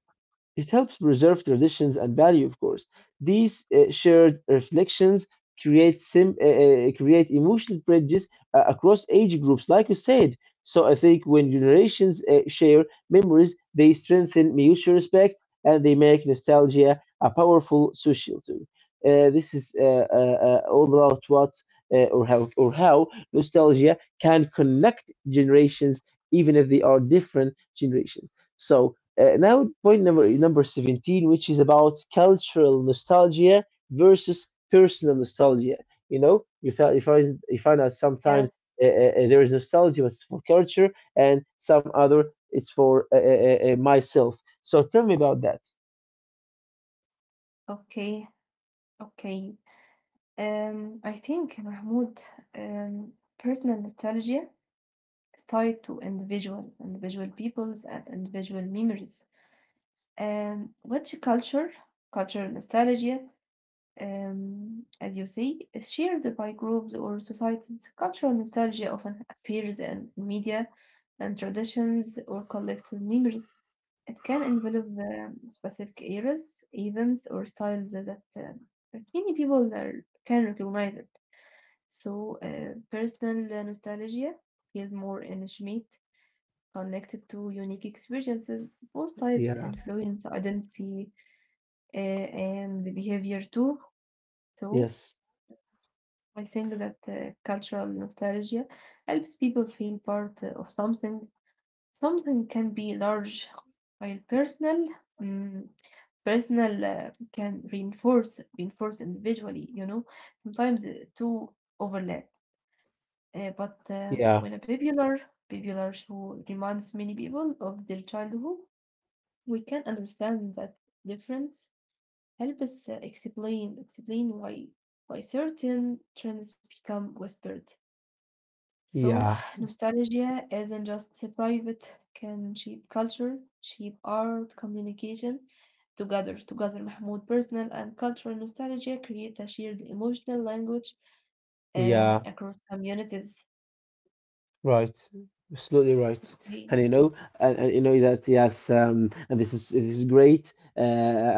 S2: It helps preserve traditions and value, of course. These shared reflections create create emotional bridges across age groups, like you said. So I think when generations share memories, they strengthen mutual respect, and they make nostalgia a powerful social tool. This is all about what or how nostalgia can connect generations, even if they are different generations. So now, point number 17, which is about cultural nostalgia versus personal nostalgia. You know, you find out sometimes
S1: Yes.
S2: there is nostalgia, but it's for culture, and some other it's for myself. So tell me about that.
S1: Okay. Okay. I think Mahmoud, um, personal nostalgia is tied to individual peoples and individual memories. Um, which culture, cultural nostalgia, as you see, is shared by groups or societies. Cultural nostalgia often appears in media and traditions or collective memories. It can envelop specific eras, events, or styles that, that many people are, can recognize it. So, personal nostalgia feels more intimate connected to unique experiences. Both types
S2: Yeah.
S1: influence identity uh, and the behavior too. So
S2: Yes.
S1: I think that cultural nostalgia helps people feel part of something. Something can be large, while personal, mm, personal can reinforce individually. You know, sometimes two overlap. But
S2: Yeah.
S1: when a popular show reminds many people of their childhood, we can understand that difference help us explain why certain trends become whispered. So
S2: Yeah.
S1: (sighs) nostalgia isn't just private, can shape culture, shape art, communication. Together, together, Mahmoud, personal and cultural nostalgia create a shared emotional language
S2: Yeah.
S1: across communities.
S2: Right, absolutely right,
S1: Hey,
S2: and you know, and you know that, yes, and this is great,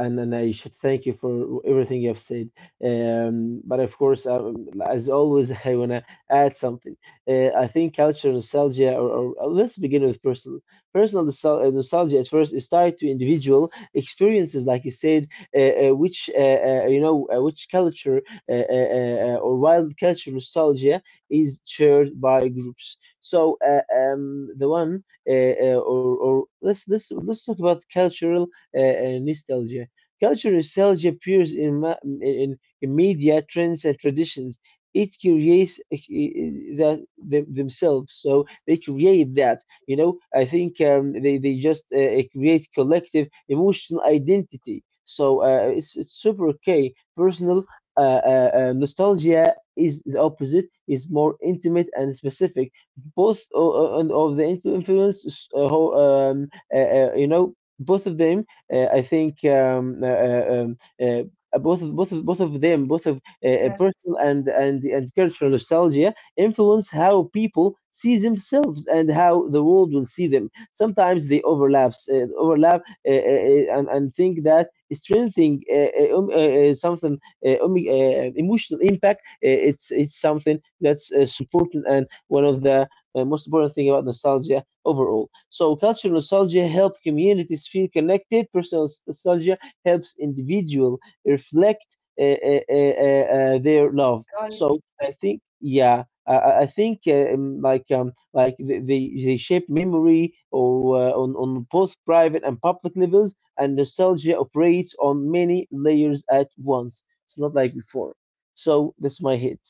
S2: and I should thank you for everything you have said. But of course, as always, (laughs) I wanna add something. I think culture nostalgia, or let's begin with personal nostalgia. At first, is tied to individual experiences, like you said, which you know, which culture or wild culture nostalgia is shared by groups. So the one, or let's let's talk about cultural nostalgia. Cultural nostalgia appears in in media, trends, and traditions. It creates that themselves, so they create that. You know, I think they just create collective emotional identity. So it's super okay. Personal nostalgia is the opposite, is more intimate and specific. Both of the influence, you know, both of them. I think both of both of both of them, both of
S1: yes,
S2: personal and cultural nostalgia, influence how people see themselves and how the world will see them. Sometimes they overlap, and think that strengthening something emotional impact. It's something that's supporting and one of the most important thing about nostalgia overall. So, cultural nostalgia helps communities feel connected. Personal nostalgia helps individual reflect their love.
S1: right.
S2: So, I think, yeah. I think like they the shape memory or on both private and public levels, and nostalgia operates on many layers at once. It's not like before. So that's my hit.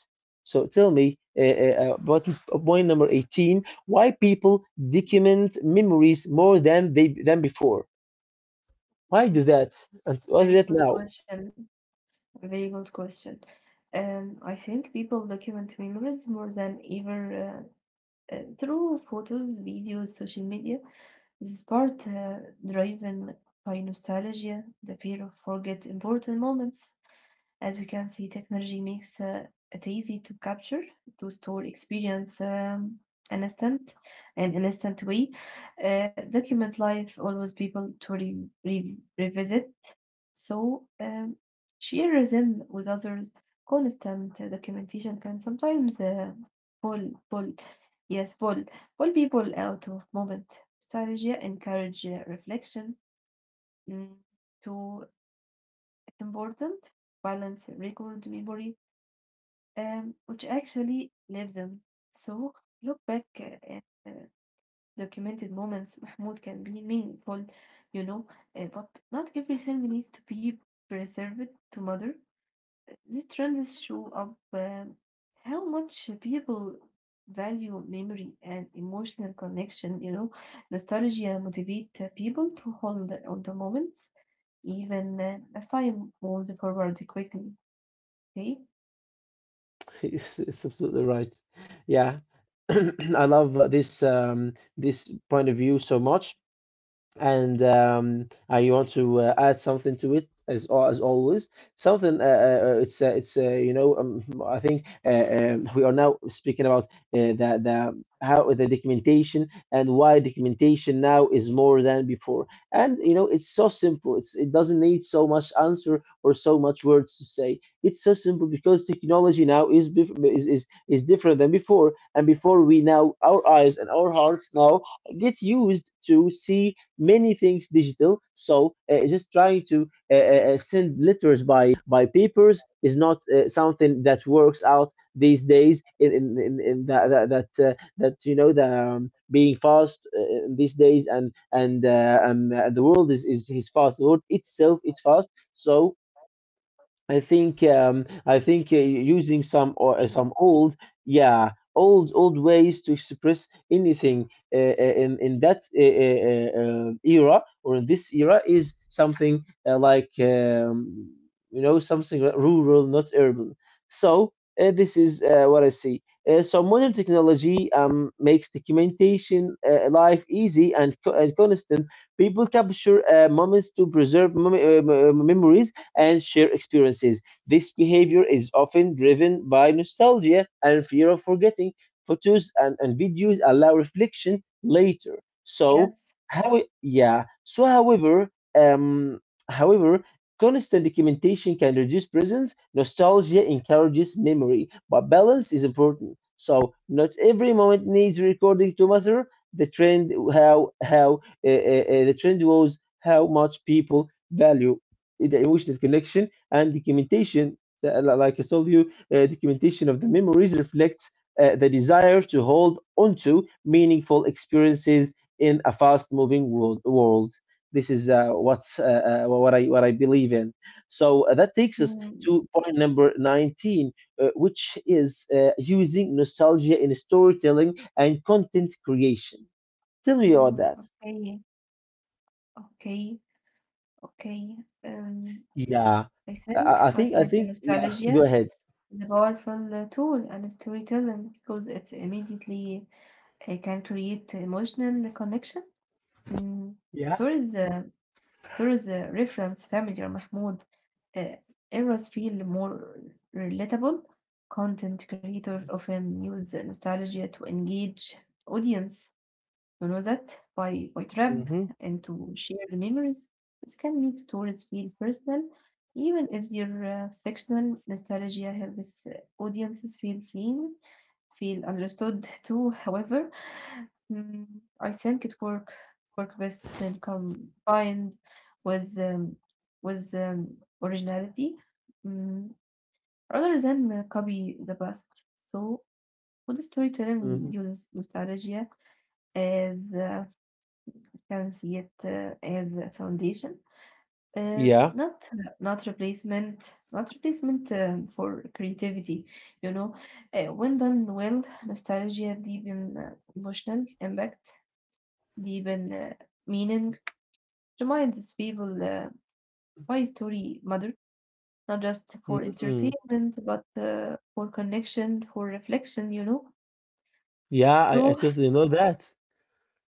S2: So tell me about point number 18, why people document memories more than they than before? Why do
S1: Mm,
S2: that? And why do that
S1: very good
S2: now? (laughs)
S1: question. Very good question. I think people document memories more than ever through photos, videos, social media. This part driven by nostalgia, the fear of forget important moments. As we can see, technology makes it easy to capture, to store experience an instant, in an instant way. Document life always people to revisit. So share them with others. Constant documentation can sometimes pull, pull, yes, pull, pull people out of moment. Strategy encourage reflection. Mm, to It's important balance record memory which actually lives them. So look back at documented moments (laughs) Mahmoud can be meaningful, you know, but not everything needs to be preserved to mother. These trends show up how much people value memory and emotional connection, you know, nostalgia motivate people to hold on to moments even as time moves forward quickly. Okay.
S2: It's absolutely right. Yeah. (clears throat) I love this this point of view so much. And you want to add something to it, as always. Something, it's I think we are now speaking about the how the documentation and why documentation now is more than before. And you know, it's so simple. It's, it doesn't need so much answer or so much words to say. It's so simple because technology now is different than before. And before, we now, our eyes and our hearts now, get used to see many things digital. So just trying to send letters by papers is not something that works out these days. In that, you know, the being fast these days, and the world is fast. The world itself is fast. So I think using some or
S1: Really?
S2: some old, yeah, old ways to express anything in that era, or in this era, is something like, you know, something rural, not urban. So this is what I see. So modern technology makes documentation life easy and constant. People capture moments to preserve memories and share experiences. This behavior is often driven by nostalgia and fear of forgetting. Photos and videos allow reflection later.
S1: Yes.
S2: So, yeah. So, however, um, however, constant documentation can reduce presence. Nostalgia encourages memory, but balance is important. So, not every moment needs recording to matter. The trend, how the trend was how much people value the emotional connection and documentation. Like I told you, documentation of the memories reflects the desire to hold onto meaningful experiences in a fast-moving world. This is what I believe in. So that takes us
S1: Mm-hmm.
S2: to point number 19, which is using nostalgia in storytelling and content creation. Tell me about
S1: Mm,
S2: that.
S1: okay, okay. Um,
S2: Yeah,
S1: I
S2: I,
S1: think
S2: I I
S1: I
S2: think I
S1: think
S2: think yeah. Go
S1: nostalgia
S2: ahead.
S1: is a powerful tool and storytelling because it's immediately can create emotional connection. Mm.
S2: Yeah.
S1: Stories, uh, Stories reference family or Mahmoud. Uh, errors feel more relatable. Content creators often use nostalgia to engage audience. Rosette by Trap
S2: Mm-hmm.
S1: into shared memories. This can make stories feel personal, even if they're fictional. Nostalgia helps audiences feel seen, feel understood too. (laughs) However, mm, I think it work best when combined with um, with originality, mm, rather than copy the past. So, good
S2: Mm-hmm.
S1: storytelling uses nostalgia as can see it as a foundation, uh,
S2: Yeah.
S1: not not replacement, not replacement for creativity. You know, when done well, nostalgia deepen emotional impact, deepen meaning, reminds people why story matter, not just for
S2: Mm-hmm.
S1: entertainment, but for connection, for reflection. You know.
S2: Yeah, I
S1: So
S2: totally know that.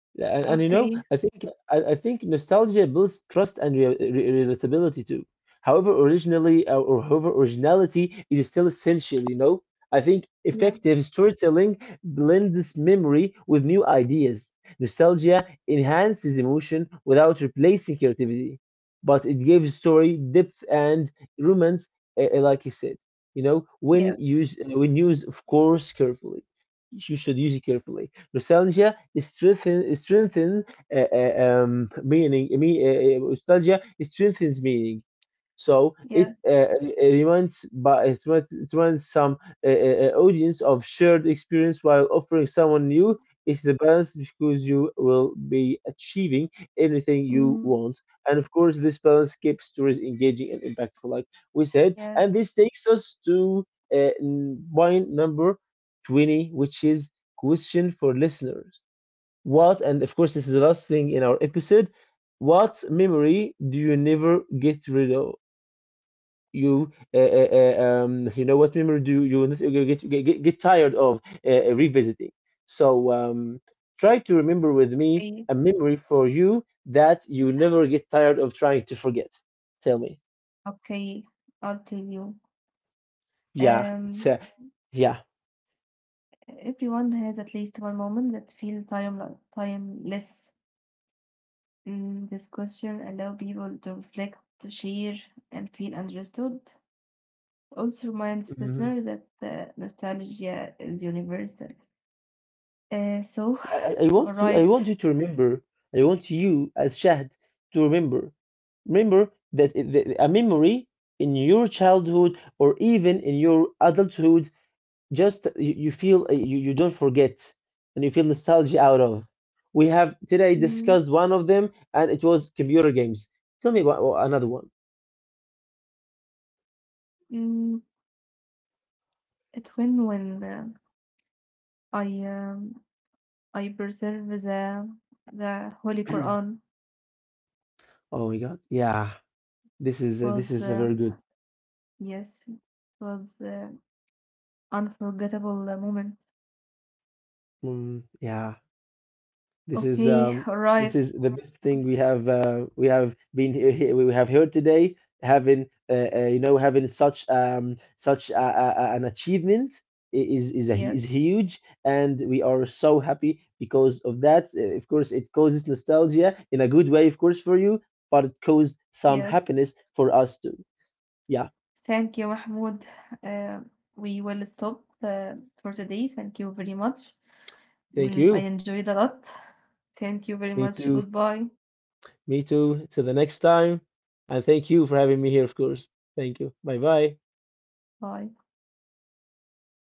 S2: Yeah, and you know,
S1: okay,
S2: I think I think nostalgia builds trust and re re relatability too. However, originally or however originality is still essential, you know. I think
S1: yes,
S2: effective storytelling blends memory with new ideas. Nostalgia enhances emotion without replacing creativity, but it gives story depth and romance, like you said, you know, when
S1: yes,
S2: used when used, of course, carefully. You should use it carefully. Nostalgia strengthen meaning. Nostalgia strengthens meaning. So it
S1: yes,
S2: reminds, but it reminds some audience of shared experience while offering someone new. It's the balance, because you will be achieving everything you
S1: mhm,
S2: want, and of course, this balance keeps stories engaging and impactful, like we said. And
S1: yes.
S2: this takes us to point number 20, which is question for listeners. What? And of course, this is the last thing in our episode. What memory do you never get rid of? You you know, what memory do you get tired of revisiting? So, try to remember with me
S1: I
S2: a memory for you that you never get tired of trying to forget. Tell me.
S1: Okay, I'll tell you.
S2: Yeah,
S1: Um,
S2: it's yeah.
S1: everyone has at least one moment that feel timeless. Mm, this question allow people to reflect, to share, and feel understood. Also reminds listener
S2: Mhm.
S1: that nostalgia is universal. So,
S2: I, I I
S1: (sighs) all
S2: want you I
S1: right.
S2: want you to remember. I want you, as Shahd, to remember, a memory in your childhood or even in your adulthood. Just you feel you don't forget, and you feel nostalgia out of. We have today
S1: Mm,
S2: discussed one of them, and it was computer games. Tell me about, oh, another one.
S1: mm, it when I um, I preserve the Holy
S2: (clears throat)
S1: Quran
S2: Oh my god, yeah, this is
S1: was
S2: a very good.
S1: yes it was. Unforgettable moment.
S2: Mm, yeah. This is
S1: Okay,
S2: um this
S1: right.
S2: is the best thing we have been here. Here we have heard today, having such an achievement. Is
S1: Yes,
S2: huge, and we are so happy because of that. Of course, it causes nostalgia in a good way, of course, for you, but it caused some
S1: yes.
S2: happiness for us too. Yeah,
S1: Thank you, Mahmoud. Uh, we will stop for today. Thank you very much.
S2: thank
S1: Mm, I
S2: you.
S1: enjoyed a lot. Thank you very
S2: Me
S1: much.
S2: too.
S1: Goodbye.
S2: Me too, till the next time. And thank you for having me here, of course. Thank you. Bye bye.
S1: Bye.
S2: Bye.